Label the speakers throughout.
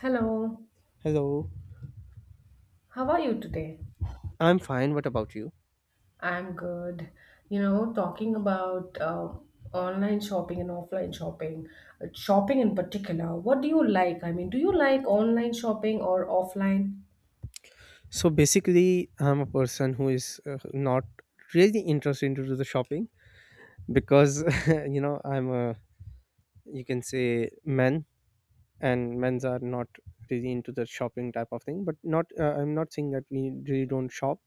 Speaker 1: Hello,
Speaker 2: Hello,
Speaker 1: how are you today?
Speaker 2: I'm fine. What about you?
Speaker 1: I'm good. You know, talking about online shopping and offline shopping, shopping in particular, what do you like? Do you like online shopping or offline?
Speaker 2: So basically, I'm a person who is not really interested into the shopping because I'm a you can say men, and men's are not really into the shopping type of thing. But not I'm not saying that we really don't shop,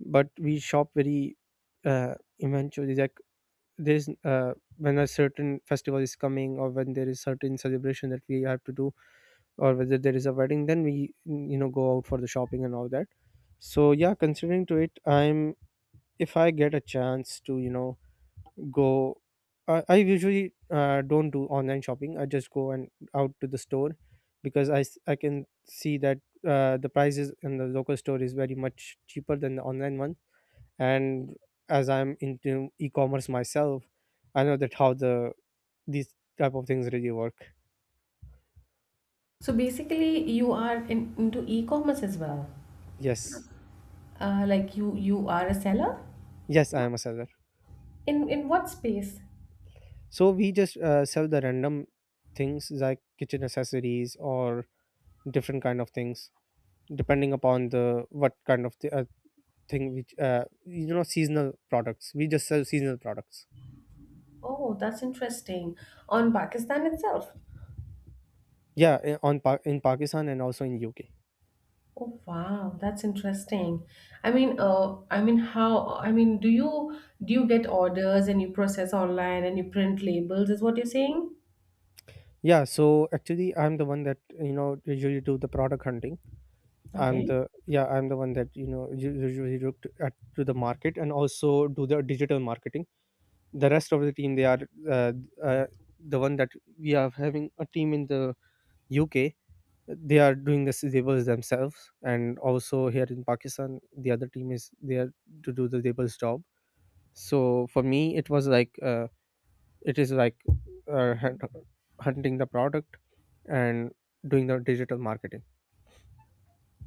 Speaker 2: but we shop very eventually. Like there's when a certain festival is coming, or when there is certain celebration that we have to do, or whether there is a wedding, then we go out for the shopping and all that. So yeah, considering to it, I'm, if I get a chance to go, I usually don't do online shopping. I just go and out to the store, because I can see that the prices in the local store is very much cheaper than the online one. And as I'm into e-commerce myself, I know that how the these type of things really work.
Speaker 1: So basically, you are into e-commerce as well.
Speaker 2: Yes.
Speaker 1: Like you are a seller?
Speaker 2: Yes, I am a seller.
Speaker 1: In what space?
Speaker 2: So we just sell the random things like kitchen accessories or different kind of things, depending upon the what kind of thing which, seasonal products. We just sell seasonal products.
Speaker 1: Oh, that's interesting. On Pakistan itself.
Speaker 2: Yeah, in Pakistan and also in UK.
Speaker 1: Oh wow, that's interesting. How? Do you get orders and you process online and you print labels? Is what you're saying?
Speaker 2: Yeah, so actually I'm the one that usually do the product hunting. I'm
Speaker 1: Okay.
Speaker 2: the, yeah, I'm the one that usually look to, at, to the market, and also do the digital marketing. The rest of the team, they are, uh, uh, the one that, we are having a team in the UK. They are doing the tables themselves, and also here in Pakistan the other team is there to do the tables job. So for me it was like, it is like, uh, hunt- hunting the product and doing the digital marketing.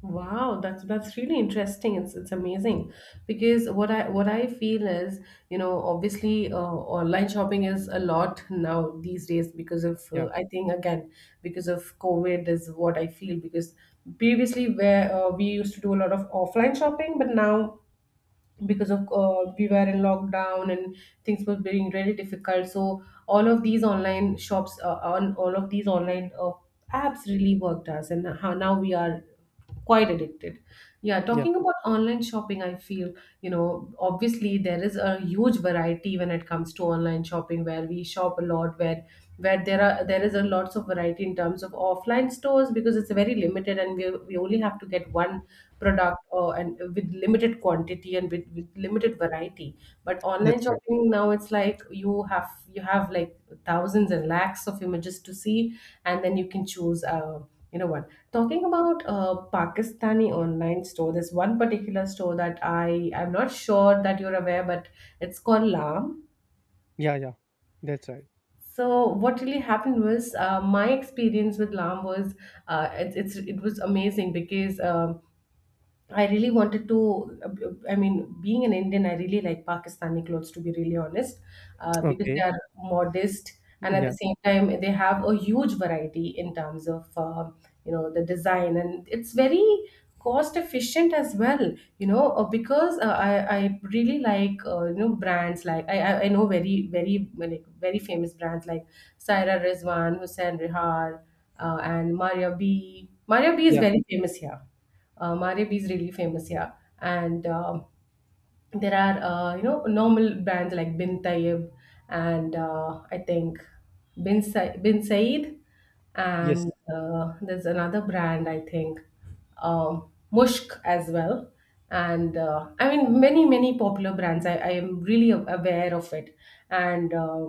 Speaker 1: Wow, that's really interesting. It's amazing because what I feel is, you know, obviously online shopping is a lot now these days because of
Speaker 2: Yeah,
Speaker 1: I think again because of COVID is what I feel because previously where we used to do a lot of offline shopping, but now because of we were in lockdown and things were being really difficult, so all of these online shops on all of these online apps really worked us, and how now we are quite addicted. Yeah,
Speaker 2: yeah,
Speaker 1: talking about online shopping, I feel, you know, obviously there is a huge variety when it comes to online shopping, where we shop a lot, where there is a lots of variety in terms of offline stores because it's very limited and we only have to get one product or and with limited quantity and with limited variety. But online
Speaker 2: that's right.
Speaker 1: shopping now, it's like you have like thousands and lakhs of images to see, and then you can choose. You know what, talking about Pakistani online store, there's one particular store that I'm not sure that you're aware, but it's called Lam.
Speaker 2: Yeah, yeah, that's right.
Speaker 1: So what really happened was, my experience with Lam was it was amazing because I really wanted to. I mean, being an Indian, I really like Pakistani clothes, to be really honest, because they
Speaker 2: Okay,
Speaker 1: are modest, and at the
Speaker 2: yeah,
Speaker 1: same time they have a huge variety in terms of you know, the design, and it's very cost efficient as well. You know, because I really like you know, brands like I know very famous brands like Saira Rizwan, Hussain Rihar, and Maria B. Maria B is
Speaker 2: yeah.
Speaker 1: very famous here. Maribi is really famous, yeah. And um, there are you know, normal brands like Bin Tayeb, and I think Bin Said,
Speaker 2: Yes.
Speaker 1: and there's another brand, I think Mushk as well. And I mean, many many popular brands. I am really aware of it, and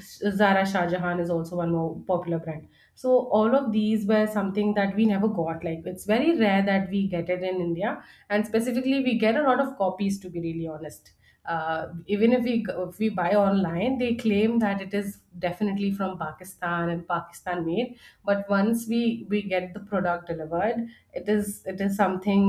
Speaker 1: Zara Shah Jahan is also one more popular brand. So all of these were something that we never got. Like, it's very rare that we get it in India, and specifically we get a lot of copies. To be really honest, even if we if we buy online, they claim that it is definitely from Pakistan and Pakistan made, but once we get the product delivered, it is something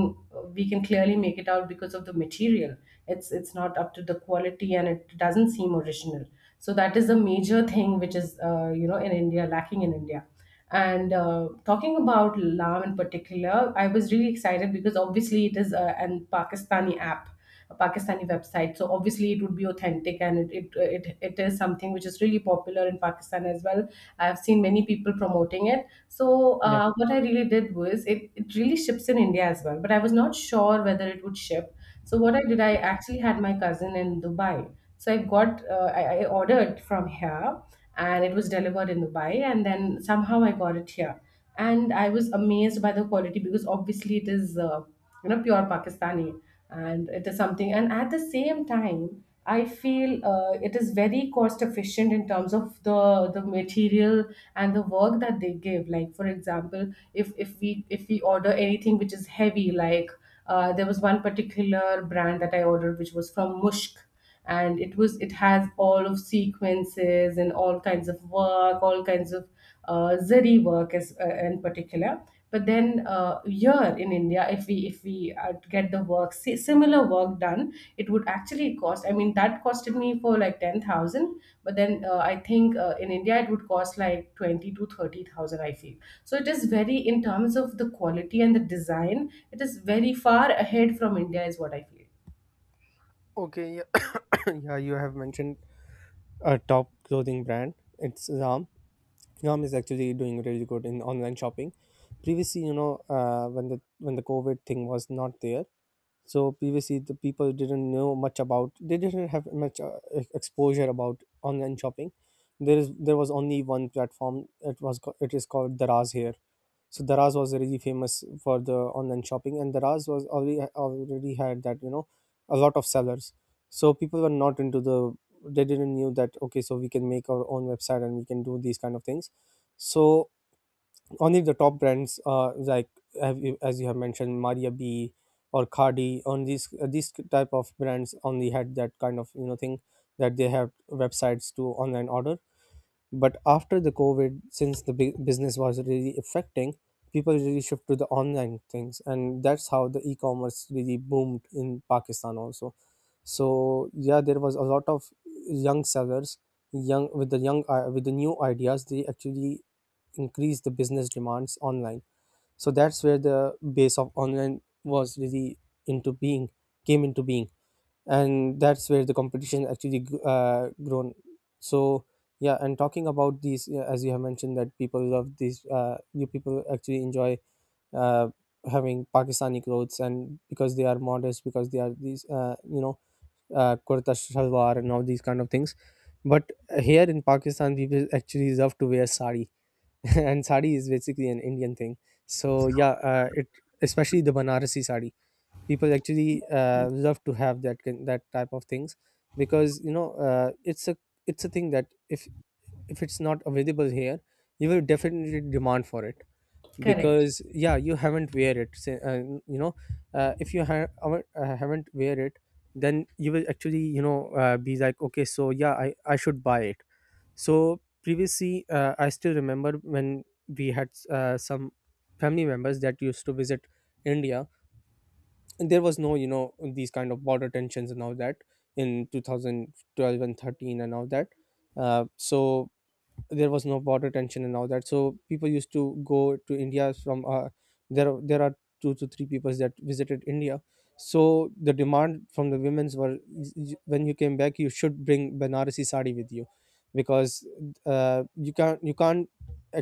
Speaker 1: we can clearly make it out because of the material. It's not up to the quality and it doesn't seem original. So that is a major thing which is you know, in india lacking in India. And talking about Lam in particular, I was really excited because obviously it is an Pakistani app, a Pakistani website. So obviously it would be authentic, and it is something which is really popular in Pakistan as well. I've seen many people promoting it. So
Speaker 2: Yeah.
Speaker 1: what I really did was, it really ships in India as well, but I was not sure whether it would ship. So what I did, I actually had my cousin in Dubai. So I got, I ordered from here, and it was delivered in Dubai. And then somehow I got it here, and I was amazed by the quality because obviously it is you know, pure Pakistani, and it is something. And at the same time, I feel it is very cost efficient in terms of the material and the work that they give. Like, for example, if if we order anything which is heavy, like there was one particular brand that I ordered which was from Mushk, and it has all of sequences and all kinds of work, all kinds of zari work as in particular. But then here in India, if we get the similar work done, it would actually cost, I mean, that costed me for like 10,000. But then I think in India it would cost like 20 to 30,000, I feel. So it is very, in terms of the quality and the design, it is very far ahead from India, is what I feel.
Speaker 2: Okay, yeah. Yeah, you have mentioned a top clothing brand. It's Ram. Ram is actually doing really good in online shopping. Previously, you know, when the COVID thing was not there, so previously the people didn't know much about, they didn't have much exposure about online shopping. There was only one platform. It is called Daraz here. So Daraz was really famous for the online shopping, and Daraz was already had that, you know, a lot of sellers. So people were not into the, they didn't knew that, okay, so we can make our own website and we can do these kind of things. So only the top brands, like, have you, as you have mentioned, Maria B or Khadi, on these, these type of brands only had that kind of, you know, thing, that they have websites to online order. But after the COVID, since the big business was really affecting, people really shift to the online things, and that's how the e-commerce really boomed in Pakistan also. So yeah, there was a lot of young sellers, young with the young, with the new ideas. They actually increased the business demands online. So that's where the base of online was really into being came into being. And that's where the competition actually grown. So yeah. And talking about these, as you have mentioned that people love these, you, people actually enjoy uh, having Pakistani clothes, and because they are modest, because they are these, you know, kurta shalwar and all these kind of things. But here in Pakistan people actually love to wear sari. And sari is basically an Indian thing. So yeah, it, especially the banarasi sari, people actually love to have that that type of things. Because, you know, it's a thing that, if it's not available here, you will definitely demand for it.
Speaker 1: Correct.
Speaker 2: Because, yeah, you haven't wear it, say, you know, if you haven't wear it, then you will actually, you know, be like, okay, so yeah, I should buy it. So previously, I still remember when we had some family members that used to visit India. There was no, you know, these kind of border tensions and all that, in 2012 and 13 and all that. So there was no border tension and all that. So people used to go to India from, there are two to three peoples that visited India. So the demand from the women's were, when you came back, you should bring banarasi sari with you. Because you can't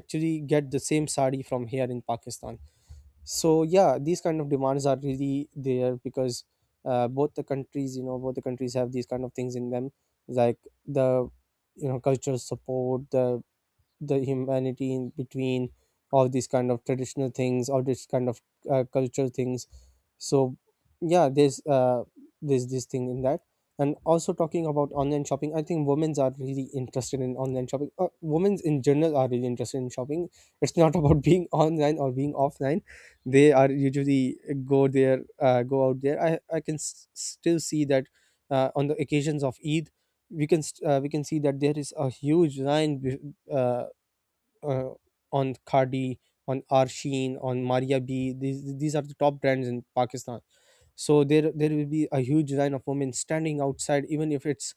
Speaker 2: actually get the same sari from here in Pakistan. So yeah, these kind of demands are really there, because both the countries, you know, both the countries have these kind of things in them, like the, you know, cultural support, the humanity in between, all these kind of traditional things, all this kind of cultural things. So yeah, there's this thing in that. And also talking about online shopping, I think women's are really interested in online shopping. Women's in general are really interested in shopping. It's not about being online or being offline. They are usually go out there. I can still see that on the occasions of Eid we can we can see that there is a huge uh, uh, on Khadi, on Arsheen, on Maria B. These are the top brands in Pakistan. So there will be a huge line of women standing outside, even if it's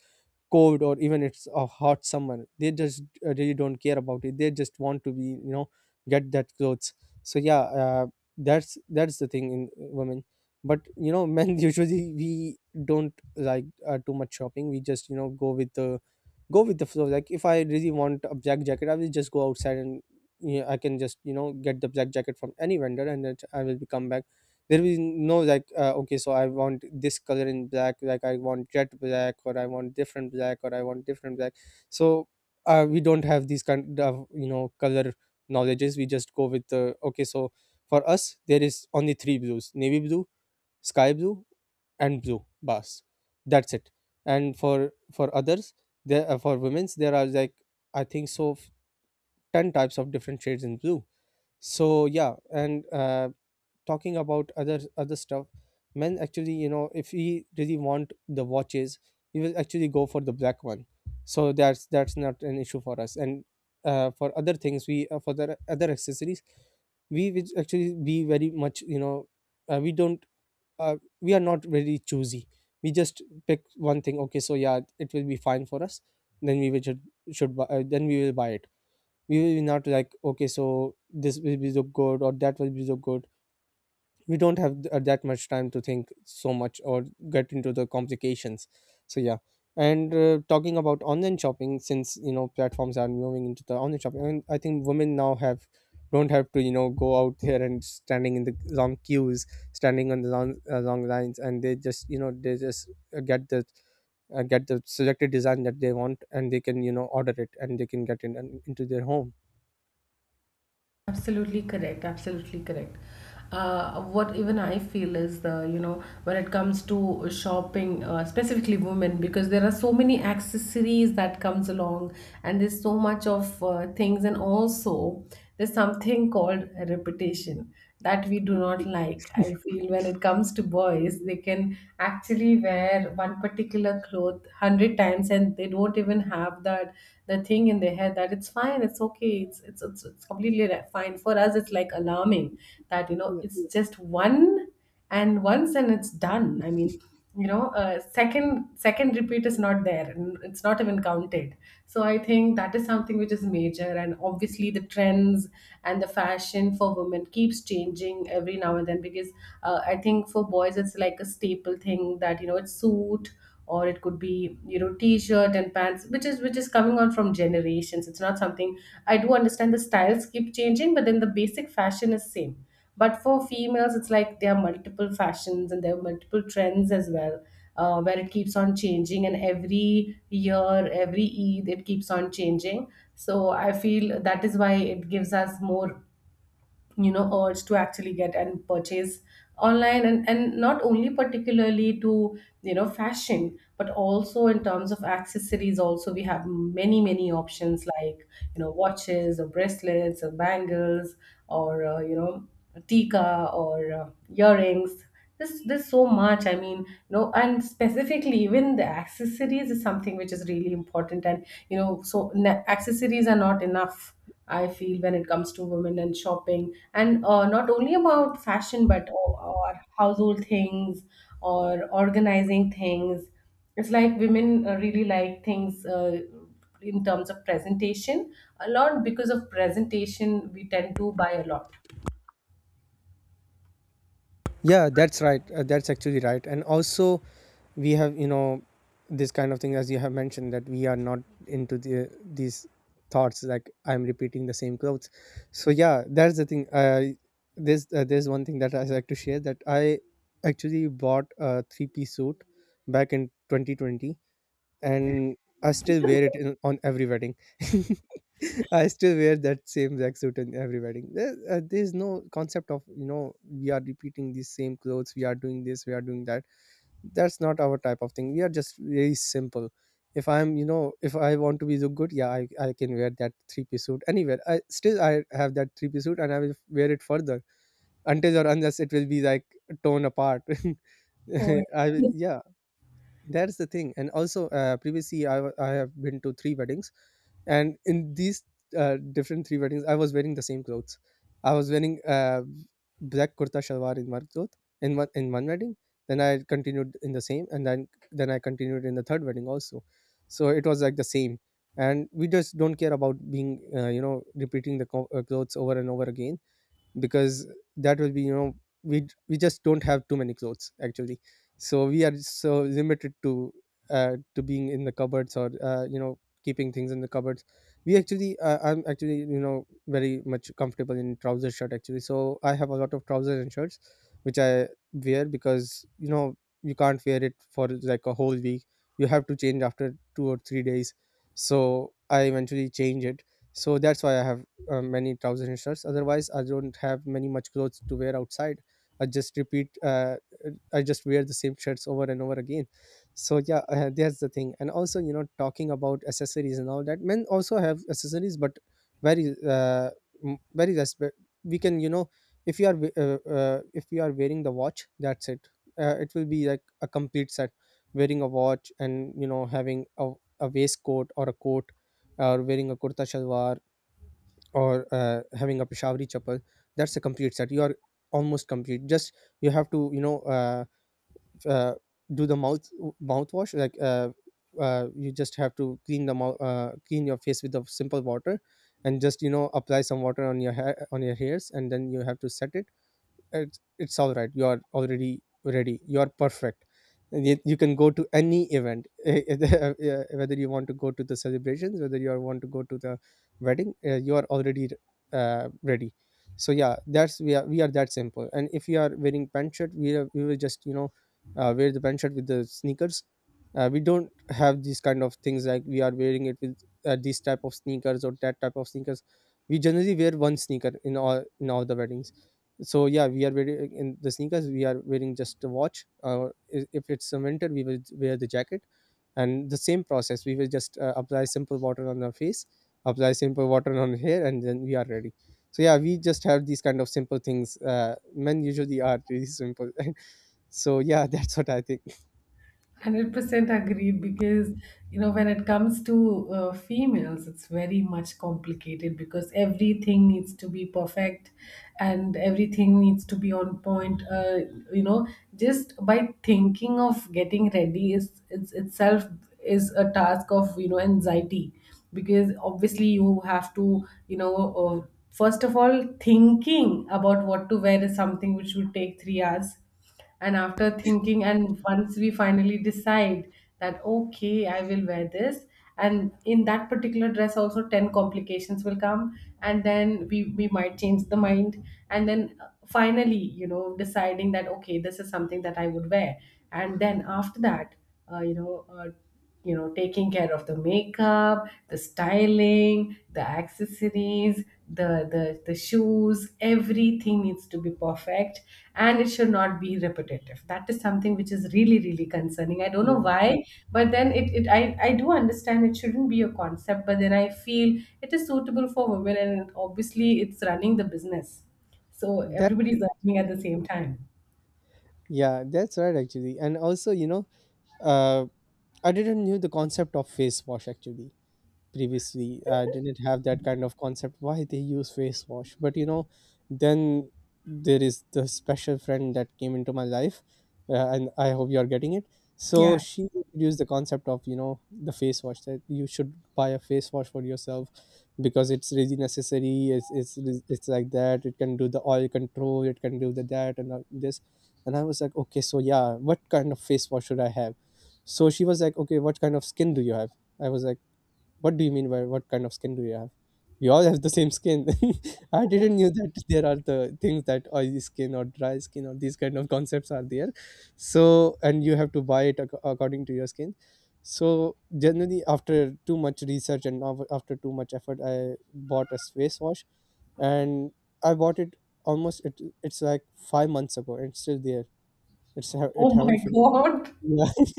Speaker 2: cold or even it's a hot summer. They just really don't care about it. They just want to be, you know, get that clothes. So yeah, that's the thing in women. But you know, men, usually we don't like too much shopping. We just, you know, go with the flow. Like, if I really want a black jacket, I will just go outside and, yeah, I can just, you know, get the black jacket from any vendor, and then I will be come back. There is no like, okay, so I want this color in black, like I want jet black, or I want different black, or I want different black. So we don't have these kind of, you know, color knowledges. We just go with the, okay, so for us there is only three blues: navy blue, sky blue, and blue bars. That's it. And for others, there, for women's there are like, I think so, 10 types of different shades in blue. So yeah, and talking about other stuff, men actually, you know, if he really want the watches, he will actually go for the black one. So that's not an issue for us. And for other things, we, for the other accessories, we will actually be very much, you know, we don't, we are not very choosy. We just pick one thing, okay, so yeah, it will be fine for us. Then we will should buy, then we will buy it. We will not like, okay, so this will be so good or that will be so good. We don't have that much time to think so much or get into the complications. So yeah. And talking about online shopping, since you know platforms are moving into the online shopping, and I think women now have, don't have to, you know, go out there and standing in the long queues, standing on the long, long lines, and they just, you know, they just get the, get the selected design that they want, and they can, you know, order it, and they can get it in, into their home.
Speaker 1: Absolutely correct. Absolutely correct. What even I feel is, the you know, when it comes to shopping, specifically women, because there are so many accessories that comes along, and there's so much of things, and also there's something called reputation that we do not like. I feel when it comes to boys, they can actually wear one particular cloth hundred times, and they don't even have that, the thing in their head that it's fine, it's okay, it's completely fine. For us, it's like alarming that, you know, it's just one and once and it's done. I mean, you know, second repeat is not there and it's not even counted. So I think that is something which is major, and obviously the trends and the fashion for women keeps changing every now and then. Because I think for boys, it's like a staple thing that, you know, it's suit, or it could be, you know, t-shirt and pants, which is coming on from generations. It's not something, I do understand the styles keep changing, but then the basic fashion is same. But for females, it's like there are multiple fashions and there are multiple trends as well, where it keeps on changing. And every year, every Eid, it keeps on changing. So I feel that is why it gives us more, you know, urge to actually get and purchase online, and not only particularly to, you know, fashion, but also in terms of accessories also we have many many options, like, you know, watches or bracelets or bangles or you know, tika or earrings. This There's so much. I mean, you know, and specifically even the accessories is something which is really important. And you know, so na accessories are not enough. I feel when it comes to women and shopping, and not only about fashion, but or household things or organizing things. It's like women really like things in terms of presentation a lot. Because of presentation, we tend to buy a lot.
Speaker 2: Yeah, that's right. That's actually right. And also we have, you know, this kind of thing, as you have mentioned, that we are not into the these thoughts, like I'm repeating the same clothes. So yeah, that's the thing. There's one thing that I like to share, that I actually bought a three-piece suit back in 2020, and I still wear it in, on every wedding. I still wear that same black suit in every wedding. There's no concept of, you know, we are repeating these same clothes, we are doing this, we are doing that. That's not our type of thing. We are just very simple. If I'm, you know, if I want to be look good, yeah, I can wear that three-piece suit anywhere. I have that three-piece suit and I will wear it further until or unless it will Be like torn apart.
Speaker 1: Oh,
Speaker 2: Yeah, that's the thing. And also, previously, I have been to three weddings, and in these different three weddings I was wearing the same clothes. I was wearing black kurta shalwar in one cloth, in one wedding. Then I continued in the same, and then I continued in the third wedding also. So it was like the same. And we just don't care about being, you know, repeating the clothes over and over again, because that will be, you know, we just don't have too many clothes actually. So we are so limited to, to being in the cupboards, or you know, keeping things in the cupboards. We actually, I'm actually, you know, very much comfortable in trouser shirt actually, so I have a lot of trousers and shirts, which I wear because, you know, you can't wear it for like a whole week. You have to change after 2 or 3 days, so I eventually change it. So that's why I have many trousers and shirts. Otherwise, I don't have many much clothes to wear outside. I just repeat, I just wear the same shirts over and over again. So yeah, that's the thing. And also, you know, talking about accessories and all that, men also have accessories, but very uh, very less. But we can, you know, if if you are wearing the watch, that's it. It will be like a complete set. Wearing a watch, and you know, having a waistcoat or a coat, or wearing a kurta shalwar, or having a Peshawari chappal, that's a complete set. You are almost complete. Just you have to, you know, uh, do the mouthwash. Like you just have to clean the mouth, clean your face with the simple water, and just, you know, apply some water on your hair, on your hairs, and then you have to set it. It's all right. You are already ready. You are perfect. You can go to any event. Yeah, whether you want to go to the celebrations, whether you want to go to the wedding, you are already ready. So yeah, that's we are that simple. And if you are wearing pant shirt, we will just, you know, wear the pant shirt with the sneakers. We don't have these kind of things, like we are wearing it with these type of sneakers or that type of sneakers. We generally wear one sneaker in all the weddings. So yeah, we are wearing in the sneakers, we are wearing just a watch. If it's a winter, we will wear the jacket, and the same process. We will just apply simple water on our face, apply simple water on hair, and then we are ready. So yeah, we just have these kind of simple things. Men usually are really simple. So yeah, that's what I think.
Speaker 1: 100% agreed. Because, you know, when it comes to females, it's very much complicated because everything needs to be perfect, and everything needs to be on point. You know, just by thinking of getting ready is, it's itself is a task of, you know, anxiety. Because obviously you have to, you know, first of all, thinking about what to wear is something which would take 3 hours. And after thinking, and once we finally decide that okay, I will wear this, and in that particular dress also 10 complications will come, and then we might change the mind. And then finally, you know, deciding that okay, this is something that I would wear. And then after that, uh, you know uh, you know, taking care of the makeup, the styling, the accessories, the shoes, everything needs to be perfect, and it should not be repetitive. That is something which is really really concerning. I don't know
Speaker 2: yeah
Speaker 1: why, but then it, I do understand it shouldn't be a concept, but then I feel it is suitable for women, and obviously it's running the business. So
Speaker 2: that
Speaker 1: everybody's earning at the same time.
Speaker 2: Yeah, that's right actually. And also, you know, uh, I didn't knew the concept of face wash actually. Previously, I didn't have that kind of concept why they use face wash. But you know, then there is the special friend that came into my life, and I hope you are getting it. So
Speaker 1: Yeah.
Speaker 2: she introduced the concept of, you know, the face wash, that you should buy a face wash for yourself, because it's really necessary. It's like that, it can do the oil control, it can do the that and all this. And I was like, okay, so yeah, what kind of face wash should I have? So she was like, okay, what kind of skin do you have? I was like, what do you mean by what kind of skin do you have? We all have the same skin. I didn't knew that there are the things that oily skin or dry skin or these kind of concepts are there. So, and you have to buy it according to your skin. So generally, after too much research and after too much effort, I bought a face wash, and I bought it almost, it's like 5 months ago, and it's still there. It
Speaker 1: Oh my
Speaker 2: haven't finished.
Speaker 1: god.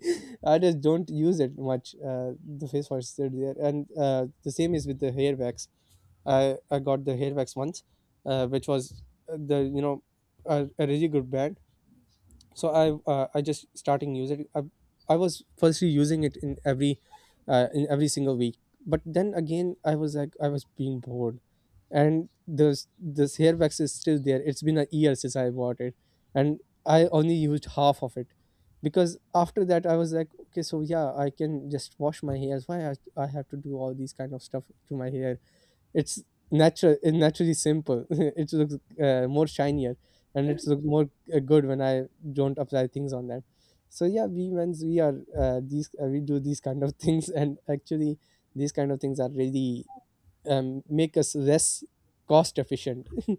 Speaker 2: I just don't use it much. The face wash is still there, and the same is with the hair wax. I got the hair wax once, which was the, you know, a really good brand. So I just starting using it. I was firstly using it in every single week. But then again, I was like, I was being bored. And this hair wax is still there. It's been a year since I bought it, and I only used half of it, because after that I was like, okay, so yeah, I can just wash my hairs. Why I have to do all these kind of stuff to my hair? It's natural, it's naturally simple. It looks more shinier, and it looks more good when I don't apply things on them. So yeah, we men's, we are, these we do these kind of things, and actually these kind of things are really make us less cost efficient.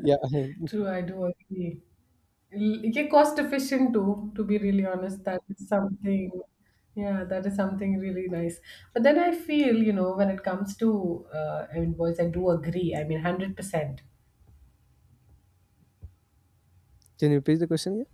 Speaker 2: Yeah.
Speaker 1: True, I do agree. Yeah, cost efficient too, to be really honest. That is something, yeah, that is something really nice. But then I feel, you know, when it comes to I mean, boys, I do agree. I mean, 100%.
Speaker 2: Can you repeat the question?